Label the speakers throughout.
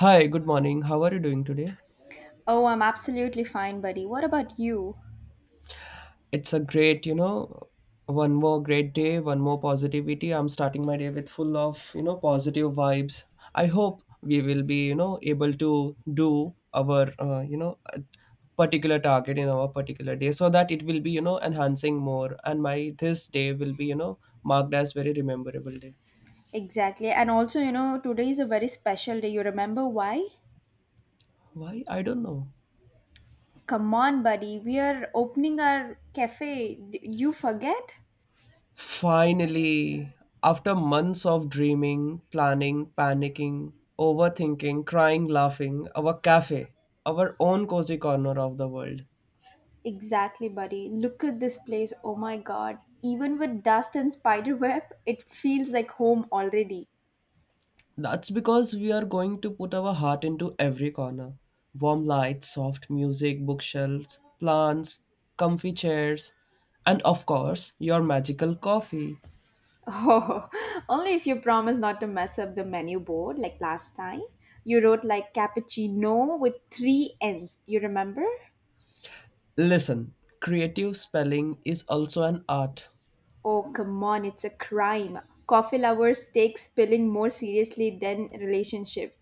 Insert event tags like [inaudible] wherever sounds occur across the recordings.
Speaker 1: Hi, good morning. How are you doing today?
Speaker 2: Oh, I'm absolutely fine, buddy. What about you?
Speaker 1: It's a great, one more great day, one more positivity. I'm starting my day with full of, positive vibes. I hope we will be, able to do our, particular target in our particular day so that it will be, enhancing more and my this day will be, marked as very rememberable day.
Speaker 2: Exactly. And also, you know, today is a very special day. You remember why?
Speaker 1: Why? I don't know.
Speaker 2: Come on, buddy. We are opening our cafe. You forget?
Speaker 1: Finally, after months of dreaming, planning, panicking, overthinking, crying, laughing, our cafe, our own cozy corner of the world.
Speaker 2: Exactly, buddy. Look at this place. Oh my god. Even with dust and spider web, it feels like home already.
Speaker 1: That's because we are going to put our heart into every corner. Warm lights, soft music, bookshelves, plants, comfy chairs, and of course, your magical coffee.
Speaker 2: Oh, [laughs] only if you promise not to mess up the menu board like last time. You wrote like cappuccino with three N's. You remember?
Speaker 1: Listen, creative spelling is also an art.
Speaker 2: Oh, come on, it's a crime. Coffee lovers take spilling more seriously than relationship.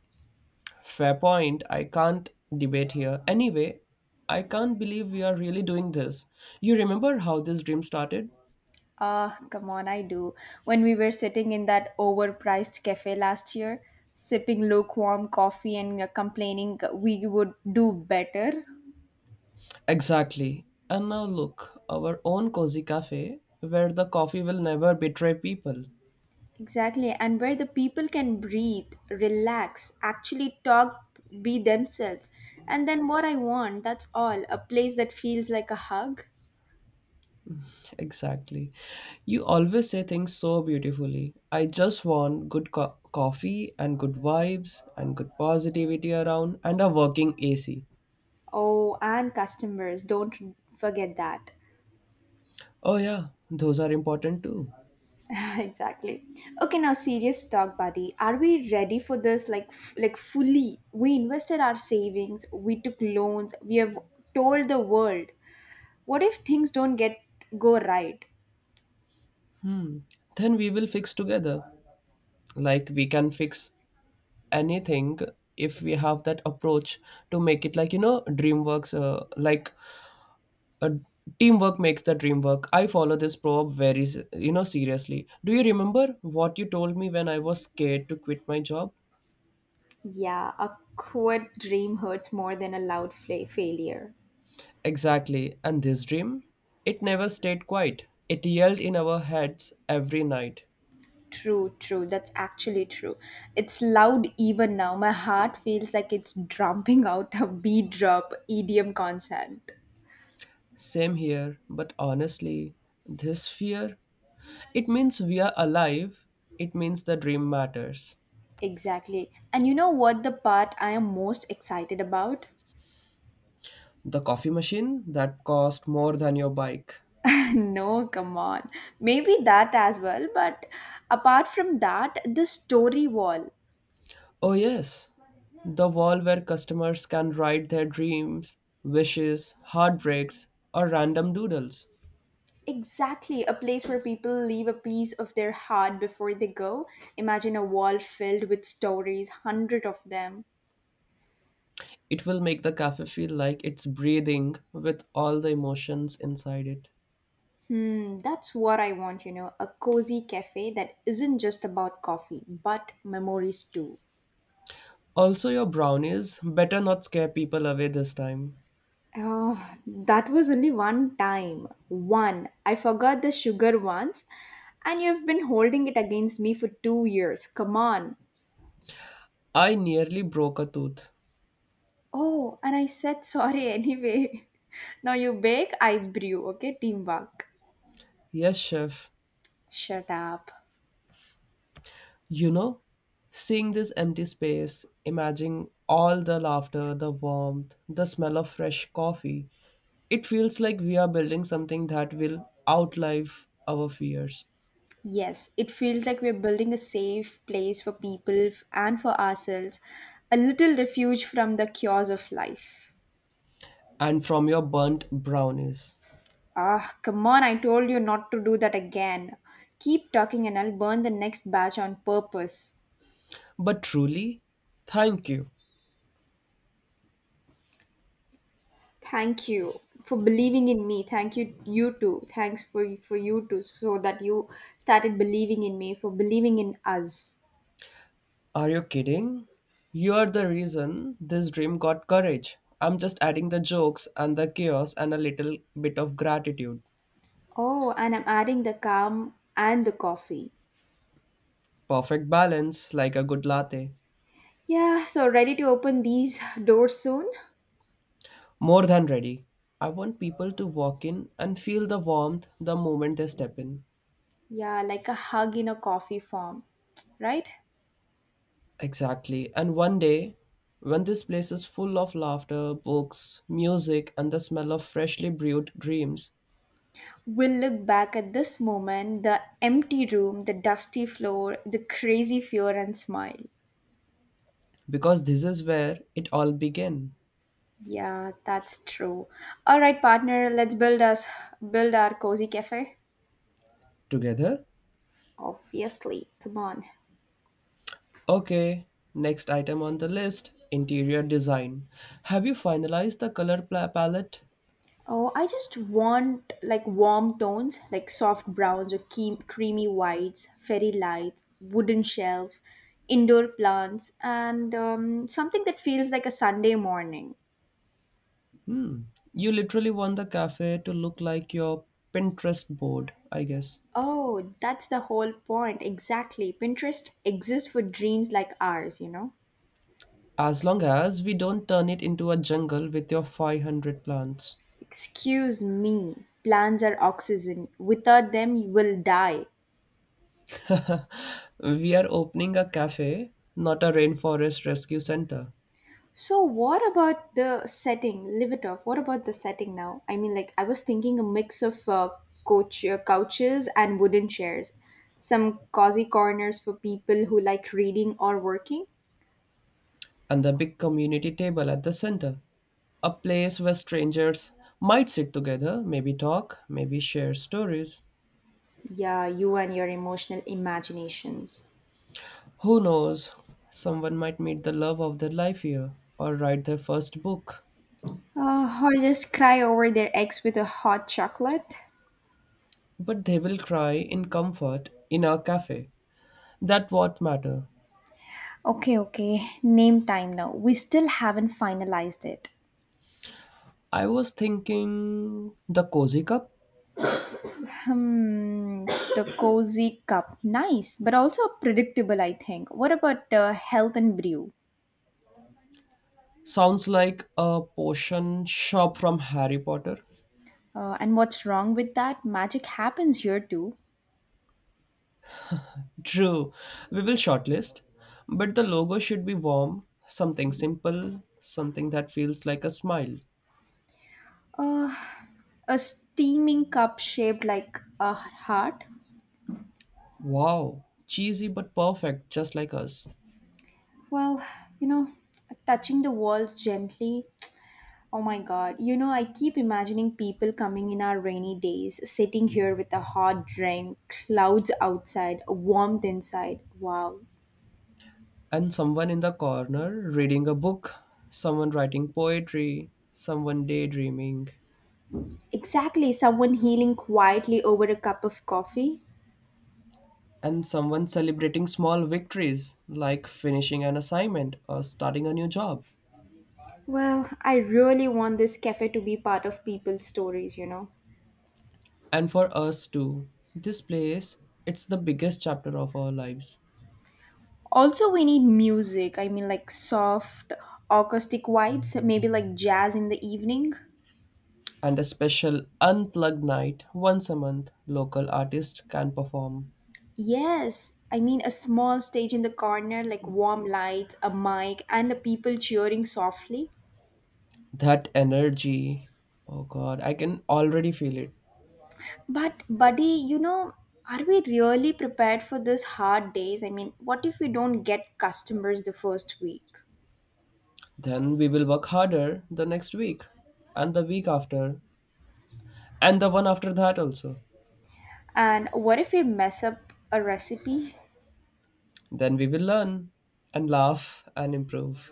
Speaker 1: Fair point. I can't debate here. Anyway, I can't believe we are really doing this. You remember how this dream started?
Speaker 2: Ah, come on, I do. When we were sitting in that overpriced cafe last year, sipping lukewarm coffee and complaining we would do better.
Speaker 1: Exactly. And now look, our own cozy cafe where the coffee will never betray people.
Speaker 2: Exactly, and where the people can breathe, relax, actually talk, be themselves. And then what I want, that's all, a place that feels like a hug.
Speaker 1: Exactly. You always say things so beautifully. I just want good coffee and good vibes and good positivity around and a working AC.
Speaker 2: Oh, and customers, don't forget that.
Speaker 1: Oh, yeah, those are important too.
Speaker 2: [laughs] exactly. Okay, now serious talk, buddy. Are we ready for this? Like, like fully, we invested our savings, we took loans, we have told the world. What if things don't get go right?
Speaker 1: Hmm. Then we will fix together. Like we can fix anything if we have that approach to make it like dream works, like, uh, teamwork makes the dream work. I follow this proverb very seriously. Do you remember what you told me when I was scared to quit my job?
Speaker 2: Yeah, a quit dream hurts more than a loud failure.
Speaker 1: Exactly. And this dream, it never stayed quiet, it yelled in our heads every night.
Speaker 2: True, true. That's actually true. It's loud even now. My heart feels like it's dropping out a B drop EDM consent.
Speaker 1: Same here, but honestly, this fear, it means we are alive, it means the dream matters.
Speaker 2: Exactly. And you know what the part I am most excited about?
Speaker 1: The coffee machine that cost more than your bike.
Speaker 2: [laughs] no, come on. Maybe that as well, but apart from that, the story wall.
Speaker 1: Oh, yes. The wall where customers can write their dreams, wishes, heartbreaks, or random doodles.
Speaker 2: Exactly, a place where people leave a piece of their heart before they go. Imagine a wall filled with stories, hundred of them.
Speaker 1: It will make the cafe feel like it's breathing with all the emotions inside it.
Speaker 2: Hmm, that's what I want, you know, a cozy cafe that isn't just about coffee, but memories too.
Speaker 1: Also, your brownies better not scare people away this time.
Speaker 2: That was only one time. One. I forgot the sugar once, and you've been holding it against me for 2 years. Come on.
Speaker 1: I nearly broke a tooth.
Speaker 2: Oh, and I said sorry anyway. [laughs] now you bake, I brew. Okay, teamwork.
Speaker 1: Yes, chef.
Speaker 2: Shut up.
Speaker 1: You know, seeing this empty space, imagining all the laughter, the warmth, the smell of fresh coffee, it feels like we are building something that will outlive our fears
Speaker 2: Yes, it feels like we're building a safe place for people and for ourselves, a little refuge from the chaos of life.
Speaker 1: and from your burnt brownies.
Speaker 2: Ah, come on, I told you not to do that again. Keep talking and I'll burn the next batch on purpose.
Speaker 1: But truly, thank you.
Speaker 2: Thank you for believing in me. Thank you you too. Thanks for you too So that you started believing in me for believing in us.
Speaker 1: Are you kidding? You're the reason this dream got courage. I'm just adding the jokes and the chaos and a little bit of gratitude.
Speaker 2: Oh, and I'm adding the calm and the coffee.
Speaker 1: Perfect balance, like a good latte.
Speaker 2: Yeah, so ready to open these doors soon?
Speaker 1: More than ready. I want people to walk in and feel the warmth the moment they step in.
Speaker 2: Yeah, like a hug in a coffee form, right?
Speaker 1: Exactly. And one day, when this place is full of laughter, books, music, and the smell of freshly brewed dreams,
Speaker 2: We'll look back at this moment, the empty room, the dusty floor, the crazy fear, and smile.
Speaker 1: because this is where it all began.
Speaker 2: Yeah, that's true. All right, partner, let's build us build our cozy cafe.
Speaker 1: Together?
Speaker 2: Obviously, come on.
Speaker 1: Okay. Next item on the list interior design. Have you finalized the color palette?
Speaker 2: Oh, I just want like warm tones, like soft browns or creamy whites, fairy lights, wooden shelf, indoor plants, and something that feels like a Sunday morning.
Speaker 1: Hmm. You literally want the cafe to look like your Pinterest board, I guess.
Speaker 2: Oh, that's the whole point. Exactly. Pinterest exists for dreams like ours, you know?
Speaker 1: As long as we don't turn it into a jungle with your 500 plants.
Speaker 2: Excuse me. Plants are oxygen. Without them, you will die.
Speaker 1: We are opening a cafe, not a rainforest rescue center.
Speaker 2: So, what about the setting? Leave it off. What about the setting now? I mean, like, I was thinking a mix of couches and wooden chairs, some cozy corners for people who like reading or working.
Speaker 1: And the big community table at the center. A place where strangers might sit together, maybe talk, maybe share stories.
Speaker 2: Yeah, you and your emotional imagination.
Speaker 1: Who knows? Someone might meet the love of their life here or write their first book.
Speaker 2: Or just cry over their ex with a hot chocolate.
Speaker 1: But they will cry in comfort in our cafe. That what matter.
Speaker 2: Okay, okay. Name time now. We still haven't finalized it.
Speaker 1: I was thinking the cozy cup.
Speaker 2: Hmm, the cozy cup. Nice, but also predictable, I think. What about health and brew?
Speaker 1: Sounds like a potion shop from Harry Potter.
Speaker 2: And what's wrong with that? Magic happens here too.
Speaker 1: True, we will shortlist, but the logo should be warm, something simple, something that feels like a smile.
Speaker 2: Uh, a steaming cup shaped like a heart.
Speaker 1: Wow, cheesy but perfect, just like us.
Speaker 2: Well, you know, touching the walls gently, oh my god, you know, I keep imagining people coming in our rainy days, sitting here with a hot drink, clouds outside, a warmth inside. Wow.
Speaker 1: And someone in the corner reading a book, someone writing poetry, someone daydreaming,
Speaker 2: Exactly, someone healing quietly over a cup of coffee.
Speaker 1: and someone celebrating small victories like finishing an assignment or starting a new job.
Speaker 2: Well, I really want this cafe to be part of people's stories, you know.
Speaker 1: And for us too, this place, it's the biggest chapter of our lives.
Speaker 2: Also, we need music. I mean, like soft, acoustic vibes, maybe like jazz in the evening.
Speaker 1: And a special unplugged night once a month, local artists can perform.
Speaker 2: Yes, I mean a small stage in the corner, like warm lights, a mic, and the people cheering softly.
Speaker 1: That energy, oh god, I can already feel it.
Speaker 2: But, buddy, you know, are we really prepared for this hard days? I mean, what if we don't get customers the first week?
Speaker 1: Then we will work harder the next week, and the week after, and the one after that also.
Speaker 2: And what if we mess up a recipe?
Speaker 1: Then we will learn and laugh and improve.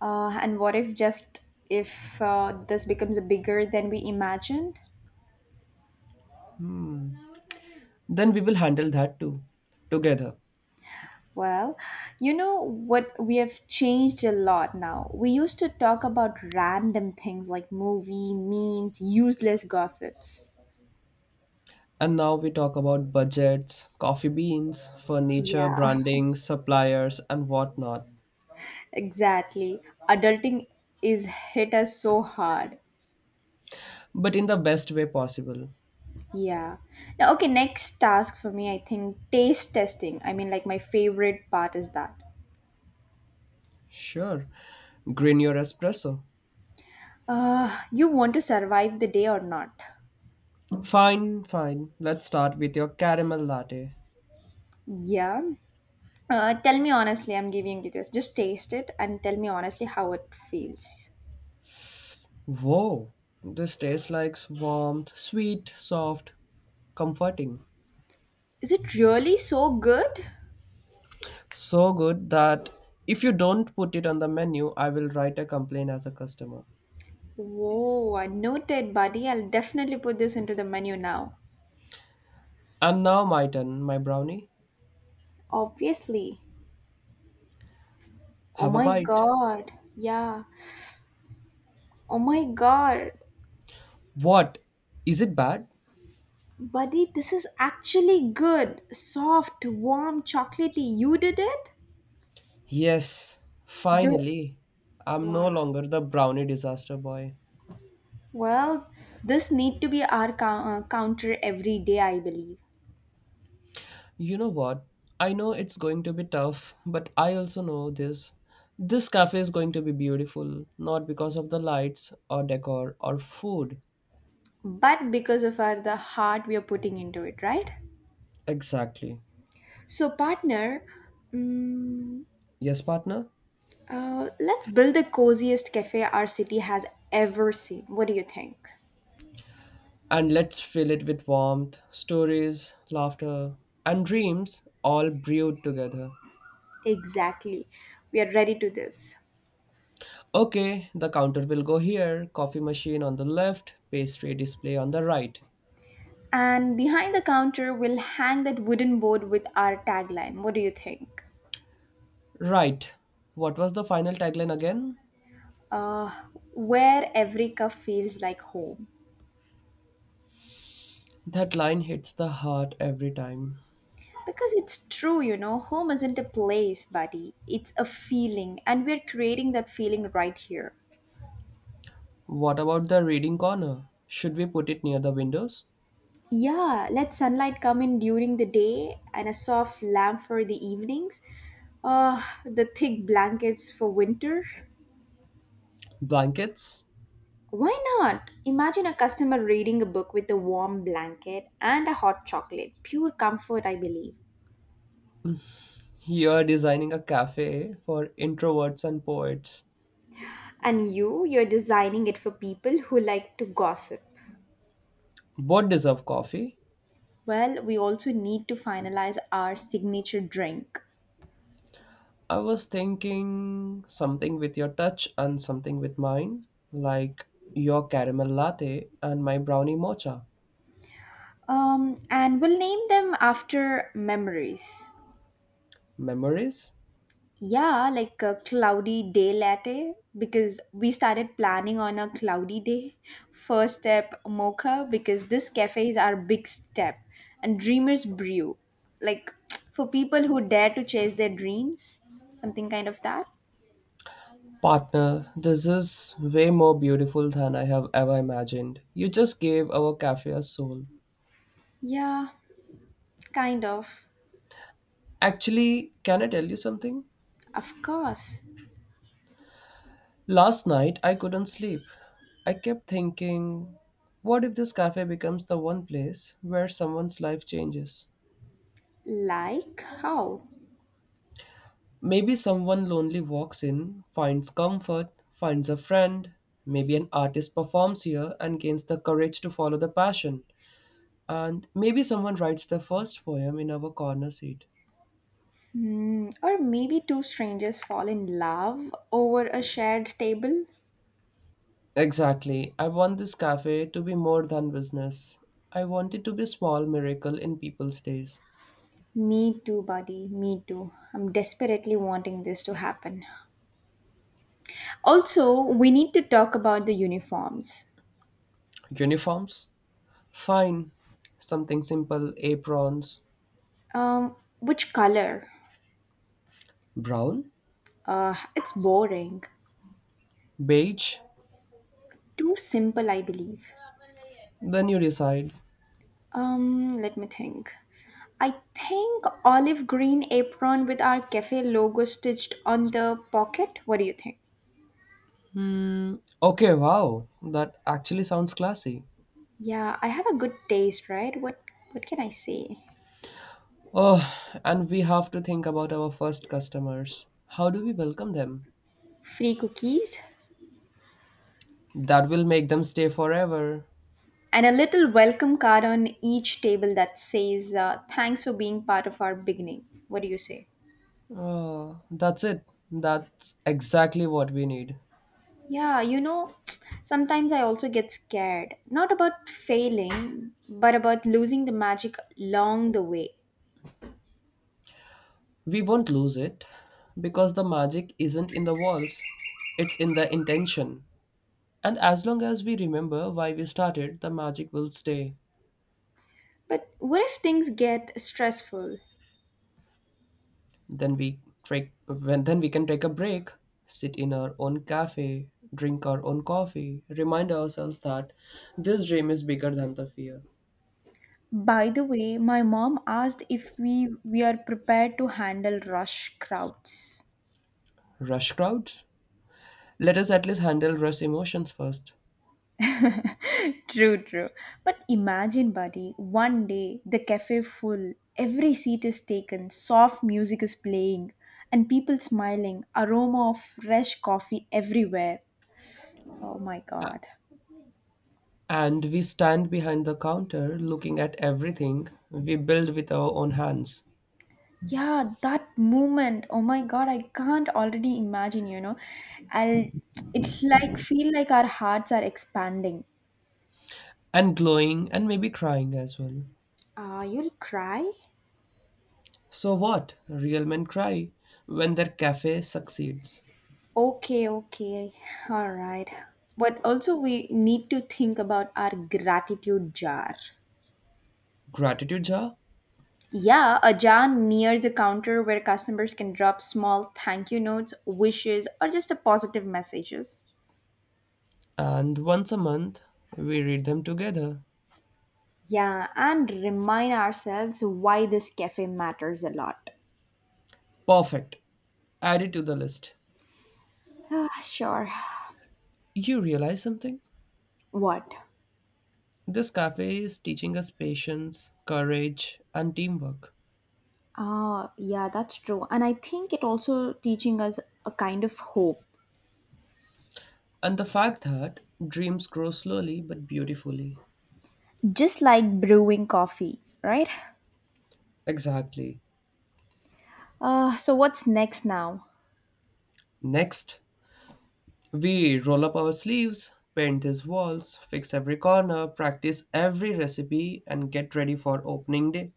Speaker 2: And what if just if this becomes bigger than we imagined?
Speaker 1: Then we will handle that too, together.
Speaker 2: Well, you know what? We have changed a lot now. We used to talk about random things like movie, memes, useless gossips.
Speaker 1: And now we talk about budgets, coffee beans, furniture,
Speaker 2: Yeah,
Speaker 1: branding, suppliers, and whatnot,
Speaker 2: [laughs] exactly. Adulting is hit us so hard.
Speaker 1: but in the best way possible.
Speaker 2: Yeah. Now, okay, next task for me, I think taste testing. I mean, like, my favorite part is that.
Speaker 1: Sure, green your espresso.
Speaker 2: You want to survive the day or not?
Speaker 1: Fine, fine. Let's start with your caramel latte.
Speaker 2: Yeah. Tell me honestly, I'm giving you this. Just taste it and tell me honestly how it feels.
Speaker 1: Whoa, this tastes like warmth, sweet, soft, comforting.
Speaker 2: Is it really so good?
Speaker 1: So good that if you don't put it on the menu, I will write a complaint as a customer.
Speaker 2: Whoa, I noted, buddy. I'll definitely put this into the menu now.
Speaker 1: And now my turn, my brownie.
Speaker 2: Obviously. Oh
Speaker 1: Have a
Speaker 2: my
Speaker 1: bite.
Speaker 2: god. Yeah. Oh my god.
Speaker 1: What? Is it bad?
Speaker 2: Buddy, this is actually good. Soft, warm, chocolatey. You did it?
Speaker 1: Yes,
Speaker 2: Do
Speaker 1: finally. I'm
Speaker 2: wow.
Speaker 1: no longer the brownie disaster boy.
Speaker 2: Well, this need to be our counter every day, I believe.
Speaker 1: You know what? I know it's going to be tough, but I also know this. This cafe is going to be beautiful, not because of the lights or decor or food.
Speaker 2: But because of our the heart we are putting into it, right?
Speaker 1: Exactly.
Speaker 2: So, partner, mm
Speaker 1: Yes, partner?
Speaker 2: uh, let's build the coziest cafe our city has ever seen. What do you think?
Speaker 1: And let's fill it with warmth, stories, laughter, and dreams all brewed together.
Speaker 2: Exactly. We are ready to this.
Speaker 1: Okay, the counter will go here, coffee machine on the left, pastry display on the right.
Speaker 2: And behind the counter, we'll hang that wooden board with our tagline. What do you think?
Speaker 1: Right. What was the final tagline again?
Speaker 2: Uh, where every cup feels like home.
Speaker 1: That line hits the heart every time.
Speaker 2: Because it's true, you know, home isn't a place, buddy. It's a feeling, and we're creating that feeling right here.
Speaker 1: What about the reading corner? Should we put it near the windows?
Speaker 2: Yeah, let sunlight come in during the day and a soft lamp for the evenings. The thick blankets for winter.
Speaker 1: Blankets?
Speaker 2: Why not? Imagine a customer reading a book with a warm blanket and a hot chocolate. Pure comfort, I believe.
Speaker 1: You're designing a cafe for introverts and poets.
Speaker 2: And you, you're designing it for people who like to gossip.
Speaker 1: Both deserve coffee.
Speaker 2: Well, we also need to finalize our signature drink.
Speaker 1: I was thinking something with your touch and something with mine, like your caramel latte and my brownie mocha.
Speaker 2: And we'll name them after memories.
Speaker 1: Memories?
Speaker 2: Yeah, like a cloudy day latte because we started planning on a cloudy day. First step mocha because this cafe is our big step and dreamers brew. Like [tsk] for people who dare to chase their dreams, something kind of that.
Speaker 1: Partner, this is way more beautiful than I have ever imagined. You just gave our cafe a soul.
Speaker 2: Yeah, kind of.
Speaker 1: Actually, can I tell you something?
Speaker 2: Of course.
Speaker 1: Last night I couldn't sleep. I kept thinking, what if this cafe becomes the one place where someone's life changes?
Speaker 2: Like how?
Speaker 1: Maybe someone lonely walks in, finds comfort, finds a friend. Maybe an artist performs here and gains the courage to follow the passion. And maybe someone writes their first poem in our corner seat.
Speaker 2: Hmm, or maybe two strangers fall in love over a shared table.
Speaker 1: Exactly. I want this cafe to be more than business. I want it to be a small miracle in people's days.
Speaker 2: Me too, buddy. Me too. I'm desperately wanting this to happen. Also, we need to talk about the uniforms.
Speaker 1: Uniforms? Fine. Something simple aprons.
Speaker 2: Which color?
Speaker 1: Brown?
Speaker 2: It's boring.
Speaker 1: Beige?
Speaker 2: Too simple, I believe.
Speaker 1: Then you decide.
Speaker 2: Let me think. I think olive green apron with our cafe logo stitched on the pocket. What do you think?
Speaker 1: Hmm, okay, wow. That actually sounds classy.
Speaker 2: Yeah, I have a good taste, right? What can I say?
Speaker 1: Oh, and we have to think about our first customers. How do we welcome them?
Speaker 2: Free cookies?
Speaker 1: That will make them stay forever.
Speaker 2: And a little welcome card on each table that says, thanks for being part of our beginning. What do you say?
Speaker 1: Oh, that's it. That's exactly what we need.
Speaker 2: Yeah, you know, [tsk] sometimes I also get scared. Not about failing, but about losing the magic along the way.
Speaker 1: We won't lose it because the magic isn't in the walls, it's in the intention. And as long as we remember why we started, the magic will stay.
Speaker 2: But what if things get stressful?
Speaker 1: Then we take when then we can take a break, sit in our own cafe, drink our own coffee, remind ourselves that this dream is bigger than the fear.
Speaker 2: By the way, my mom asked if we are prepared to handle rush crowds.
Speaker 1: Rush crowds? Let us at least handle rush emotions first.
Speaker 2: True, true. But imagine, buddy, one day the cafe full, every seat is taken, soft music is playing, and people smiling, aroma of fresh coffee everywhere. Oh my god.
Speaker 1: And we stand behind the counter looking at everything we build with our own hands
Speaker 2: Yeah, that moment. Oh my god, I can't already imagine, you know. I'll It's like feel like our hearts are expanding.
Speaker 1: and glowing and maybe crying as well.
Speaker 2: You'll cry?
Speaker 1: So, what? Real men cry when their cafe succeeds.
Speaker 2: Okay, okay. All right. But also we need to think about our gratitude jar.
Speaker 1: Gratitude jar,
Speaker 2: Yeah, a jar near the counter where customers can drop small thank you notes, wishes, or just a positive messages.
Speaker 1: and once a month we read them together.
Speaker 2: Yeah, and remind ourselves why this cafe matters a lot. [sighs]
Speaker 1: Perfect. Add it to the list.
Speaker 2: Ah, sure.
Speaker 1: You realize something?
Speaker 2: What?
Speaker 1: This cafe is teaching us patience, courage, and teamwork.
Speaker 2: Ah, yeah, that's true. And I think it also teaching us a kind of hope,
Speaker 1: And the fact that dreams grow slowly but beautifully.
Speaker 2: just like brewing coffee, right?
Speaker 1: Exactly.
Speaker 2: So what's next now?
Speaker 1: Next, we roll up our sleeves, paint these walls, fix every corner, practice every recipe, and get ready for opening day.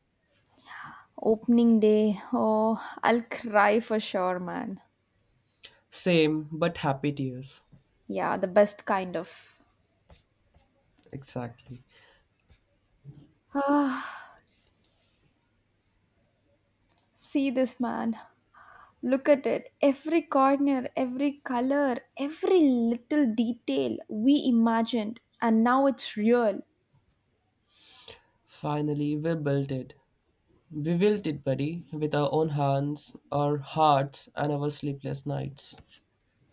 Speaker 2: Opening day. Oh, I'll cry for sure, man.
Speaker 1: Same but happy tears.
Speaker 2: Yeah, the best kind of.
Speaker 1: Exactly.
Speaker 2: Ah. See this man. Look at it. Every corner, every color, every little detail we imagined, and now it's real.
Speaker 1: Finally, we built it. We built it, buddy, with our own hands, our hearts, and our sleepless nights.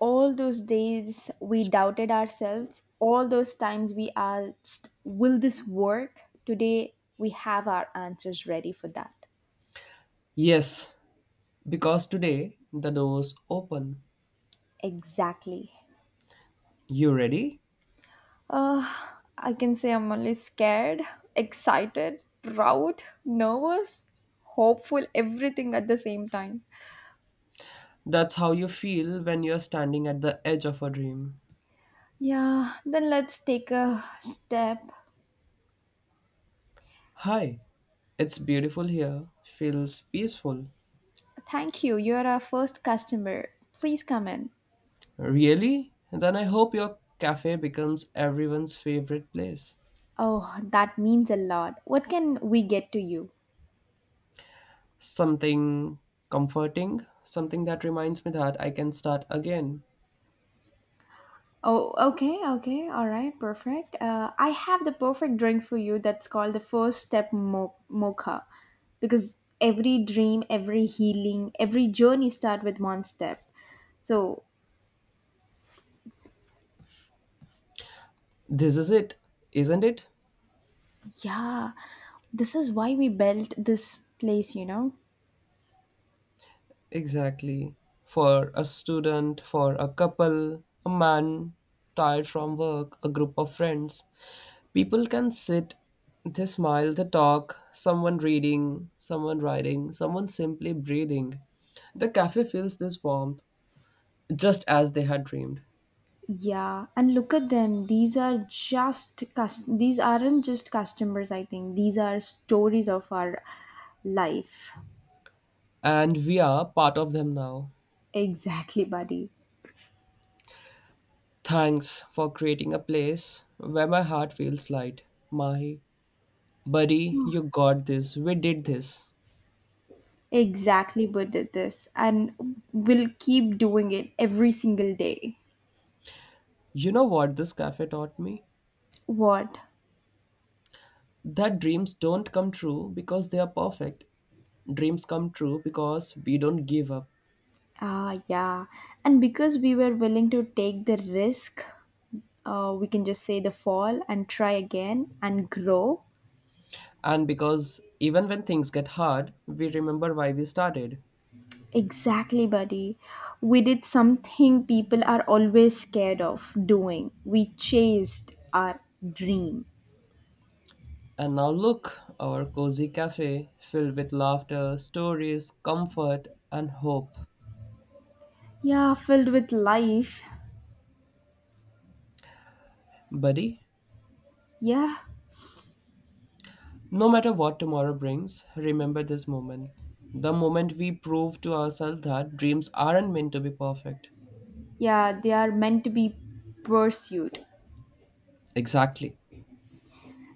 Speaker 2: All those days we doubted ourselves, all those times we asked, will this work? Today we have our answers ready for that.
Speaker 1: Yes, because today the doors open.
Speaker 2: Exactly.
Speaker 1: You ready?
Speaker 2: Uh, I can say I'm only scared, excited, proud, nervous, hopeful, everything at the same time.
Speaker 1: That's how you feel when you're standing at the edge of a dream.
Speaker 2: Yeah, then let's take a step.
Speaker 1: Hi, it's beautiful here, feels peaceful.
Speaker 2: Thank you. You're our first customer. Please come in.
Speaker 1: Really? Then I hope your cafe becomes everyone's favorite place.
Speaker 2: Oh, that means a lot. What can we get to you?
Speaker 1: Something comforting, something that reminds me that I can start again.
Speaker 2: Oh, okay, okay. All right, perfect. I have the perfect drink for you that's called the first step mocha. Because every dream, every healing, every journey start with one step. So,
Speaker 1: This is it, isn't it?
Speaker 2: yeah, this is why we built this place, you know?
Speaker 1: Exactly. For a student, for a couple, a man tired from work, a group of friends, people can sit, they smile, they talk, someone reading, someone writing, someone simply breathing. The cafe feels this warmth just as they had dreamed.
Speaker 2: Yeah, and look at them. These are just these aren't just customers, I think. These are stories of our life.
Speaker 1: And we are part of them now.
Speaker 2: Exactly, buddy.
Speaker 1: Thanks for creating a place where my heart feels light. My buddy, you got this. We did this.
Speaker 2: Exactly, but did this and we'll keep doing it every single day.
Speaker 1: You know what this cafe taught me?
Speaker 2: What?
Speaker 1: That dreams don't come true because they are perfect. Dreams come true because we don't give up.
Speaker 2: Ah, yeah. And because we were willing to take the risk, we can just say the fall and try again and grow.
Speaker 1: And because even when things get hard, we remember why we started.
Speaker 2: Exactly, buddy. We did something people are always scared of doing. We chased our dream.
Speaker 1: And now look, our cozy cafe filled with laughter, stories, comfort, and hope.
Speaker 2: Yeah, filled with life.
Speaker 1: Buddy,
Speaker 2: Yeah,
Speaker 1: no matter what tomorrow brings, remember this moment. The moment we prove to ourselves that dreams aren't meant to be perfect.
Speaker 2: yeah, they are meant to be pursued.
Speaker 1: Exactly.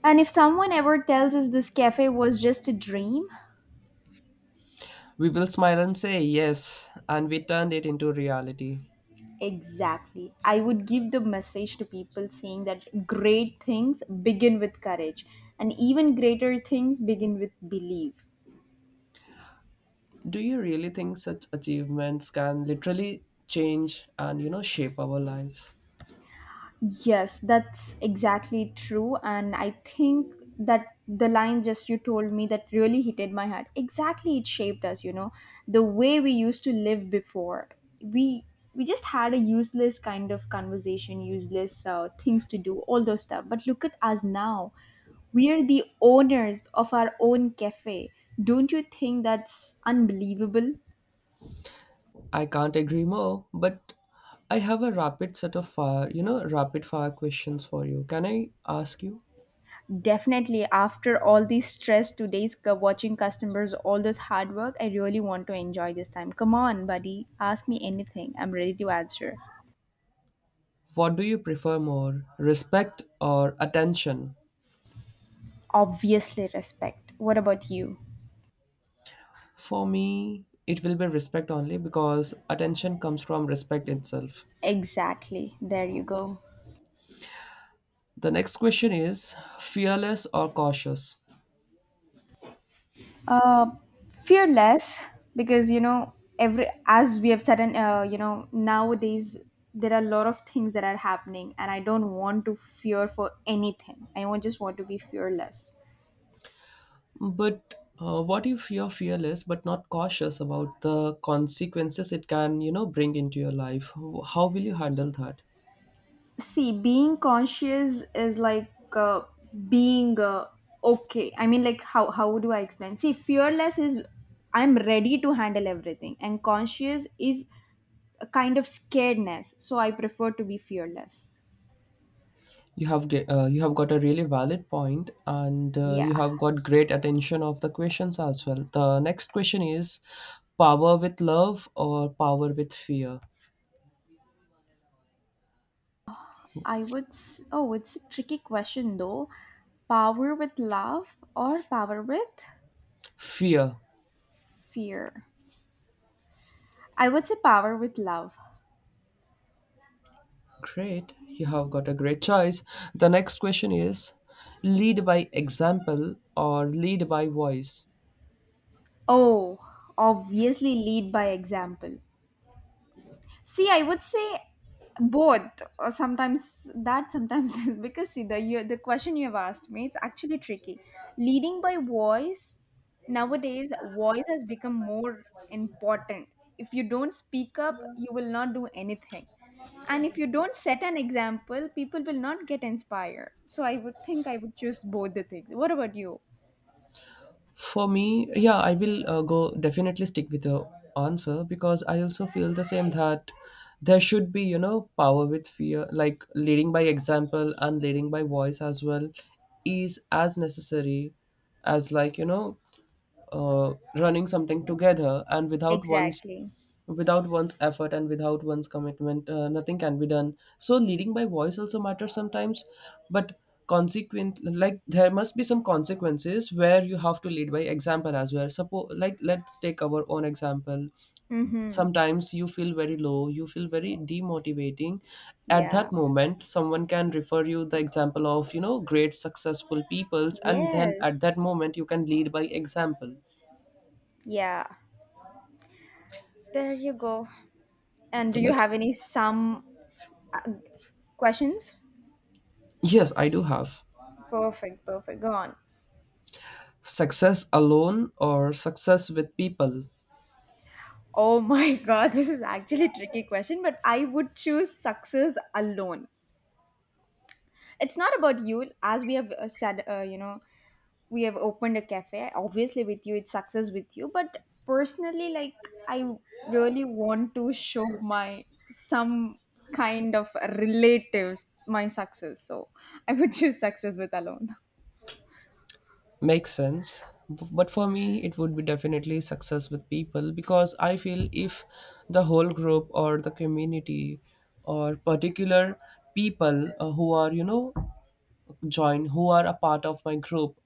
Speaker 2: And if someone ever tells us this cafe was just a dream,
Speaker 1: We will smile and say yes, and we turned it into reality.
Speaker 2: exactly. I would give the message to people saying that great things begin with courage, and even greater things begin with belief.
Speaker 1: Do you really think such achievements can literally change and, shape our lives?
Speaker 2: Yes, that's exactly true. And I think that the line just you told me that really hit my heart. Exactly, it shaped us, you know, the way we used to live before. We we just had a useless kind of conversation, useless things to do, all those stuff. But look at us now. We are the owners of our own cafe. Don't you think that's unbelievable?
Speaker 1: I can't agree more, but I have a rapid set of fire, rapid fire questions for you. Can I ask you?
Speaker 2: Definitely, after all the stress watching customers, all this hard work, I really want to enjoy this time. Come on, buddy, ask me anything. I'm ready to answer.
Speaker 1: What do you prefer more, respect or attention?
Speaker 2: Obviously, respect. What about you?
Speaker 1: For me it will be respect only because attention comes from respect itself.
Speaker 2: Exactly. There you go.
Speaker 1: The next question is fearless or cautious.
Speaker 2: Uh, fearless, because you know, every as we have said, and you know, nowadays there are a lot of things that are happening, and I don't want to fear for anything. I won't just want to be fearless.
Speaker 1: But what if you're fearless but not cautious about the consequences it can, bring into your life? How will you handle that?
Speaker 2: See, being conscious is like being okay, I mean, like, how do I explain? See, fearless is I'm ready to handle everything, and conscious is a kind of scaredness, so I prefer to be fearless.
Speaker 1: You have got a really valid point, and, you
Speaker 2: Yeah.
Speaker 1: have got great attention of the questions as well. The next question is, power with love or power with fear?
Speaker 2: Oh, it's a tricky question though. Power with love or power with
Speaker 1: Fear.
Speaker 2: fear? I would say power with love.
Speaker 1: Great. You have got a great choice. The next question is, lead by example or lead by voice?
Speaker 2: Oh, obviously lead by example. See, I would say both. Or sometimes that, sometimes [laughs] this. Because see, the question you have asked me, it's actually tricky. Leading by voice nowadays, voice has become more important. If you don't speak up, you will not do anything. And if you don't set an example, people will not get inspired. So I would think I would choose both the things. What about you?
Speaker 1: For me, yeah, I will, go definitely stick with your answer because I also feel the same that there should be, power with fear, like leading by example and leading by voice as well is as necessary as, like, running something together and
Speaker 2: Exactly.
Speaker 1: without one's effort and without one's commitment, nothing can be done. So leading by voice also matters sometimes, but consequent, like, there must be some consequences where you have to lead by example as well. Suppose, like, let's take our own example.
Speaker 2: Mm-hmm.
Speaker 1: Sometimes you feel very low, you feel very demotivating. At
Speaker 2: Yeah.
Speaker 1: that moment someone can refer you the example of, great successful peoples, and then at
Speaker 2: Yes.
Speaker 1: that moment you can lead by example.
Speaker 2: Yeah. There you go. And do
Speaker 1: The
Speaker 2: you have
Speaker 1: next,
Speaker 2: any some uh, questions?
Speaker 1: yes, I do have.
Speaker 2: Perfect, perfect. Go on.
Speaker 1: Success alone or success with people?
Speaker 2: Oh my [laughs] god, this is actually a tricky question, but I would choose success alone. It's not about you, as we have said, you know, we have opened a cafe. Obviously, with you, it's success with you, but personally, like, I really want to show my some kind of relatives my success, so I would [laughs] choose success with alone.
Speaker 1: Makes sense. But for me, it would be definitely success with people because I feel if the whole group or the community or particular people, who are, join who are a part of my group,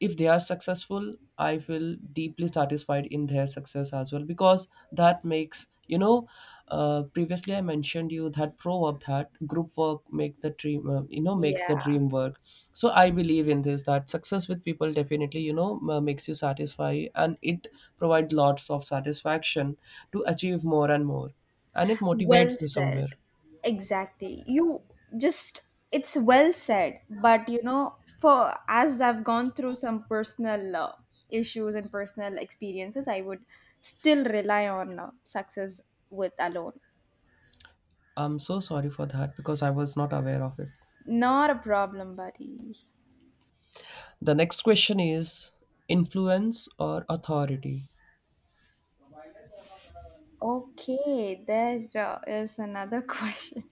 Speaker 1: if they are successful, I feel deeply satisfied in their success as well because that makes, previously I mentioned you that proverb that group work make the dream, makes the
Speaker 2: Yeah.
Speaker 1: dream work. So I believe in this that success with people definitely, makes you satisfy, and it provides lots of satisfaction to achieve more and more, and it
Speaker 2: Well
Speaker 1: motivates you somewhere.
Speaker 2: said. Exactly. You just, it's well said. But, you know, for as I've gone through some personal issues and personal experiences, I would still rely on success with alone.
Speaker 1: I'm so sorry for that because I was not aware of it.
Speaker 2: Not a problem, buddy.
Speaker 1: The next question is influence or authority.
Speaker 2: Okay, there is another [laughs] question.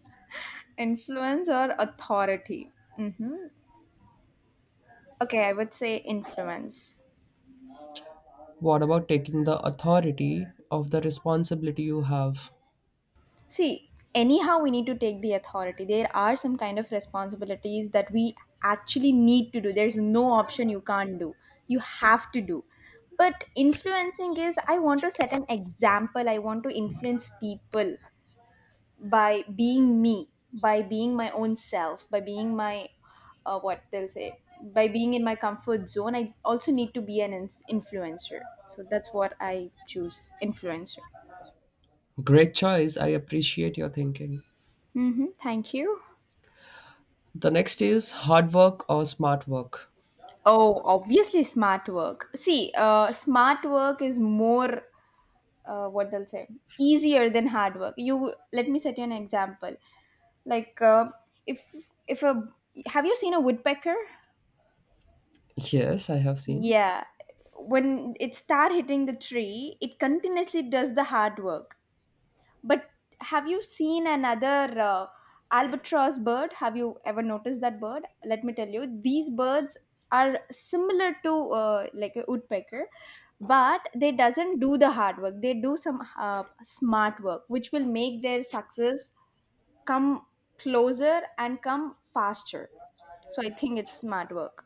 Speaker 2: Influence or authority? Mm-hmm. Okay, I would say influence.
Speaker 1: What about taking the authority of the responsibility you have?
Speaker 2: See, anyhow, we need to take the authority. There are some kind of responsibilities that we actually need to do. There's no option you can't do. You have to do. But influencing is I want to set an example. I want to influence people by being me, by being my own self, by being my, what they'll say, by being in my comfort zone. I also need to be an influencer. So that's what I choose, influencer.
Speaker 1: Great choice. I appreciate your thinking.
Speaker 2: Mm-hmm. Thank you.
Speaker 1: The next is hard work or smart work.
Speaker 2: Oh, obviously smart work. See, smart work is more what they'll say easier than hard work. You let me set you an example. Like if if a have you seen a woodpecker?
Speaker 1: Yes, I have seen.
Speaker 2: Yeah, when it start hitting the tree, it continuously does the hard work. But have you seen another albatross bird? Have you ever noticed that bird? Let me tell you, these birds are similar to like a woodpecker, but they doesn't do the hard work. They do some smart work, which will make their success come closer and come faster. So I think it's smart work.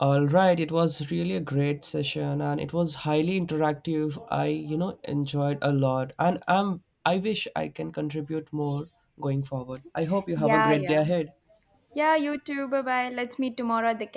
Speaker 1: All right, it was really a great session and it was highly interactive. I, enjoyed a lot and I wish I can contribute more going forward. I hope you have a
Speaker 2: Yeah,
Speaker 1: great day
Speaker 2: yeah.
Speaker 1: ahead.
Speaker 2: Yeah, you too. Bye bye. Let's meet tomorrow at the cafe.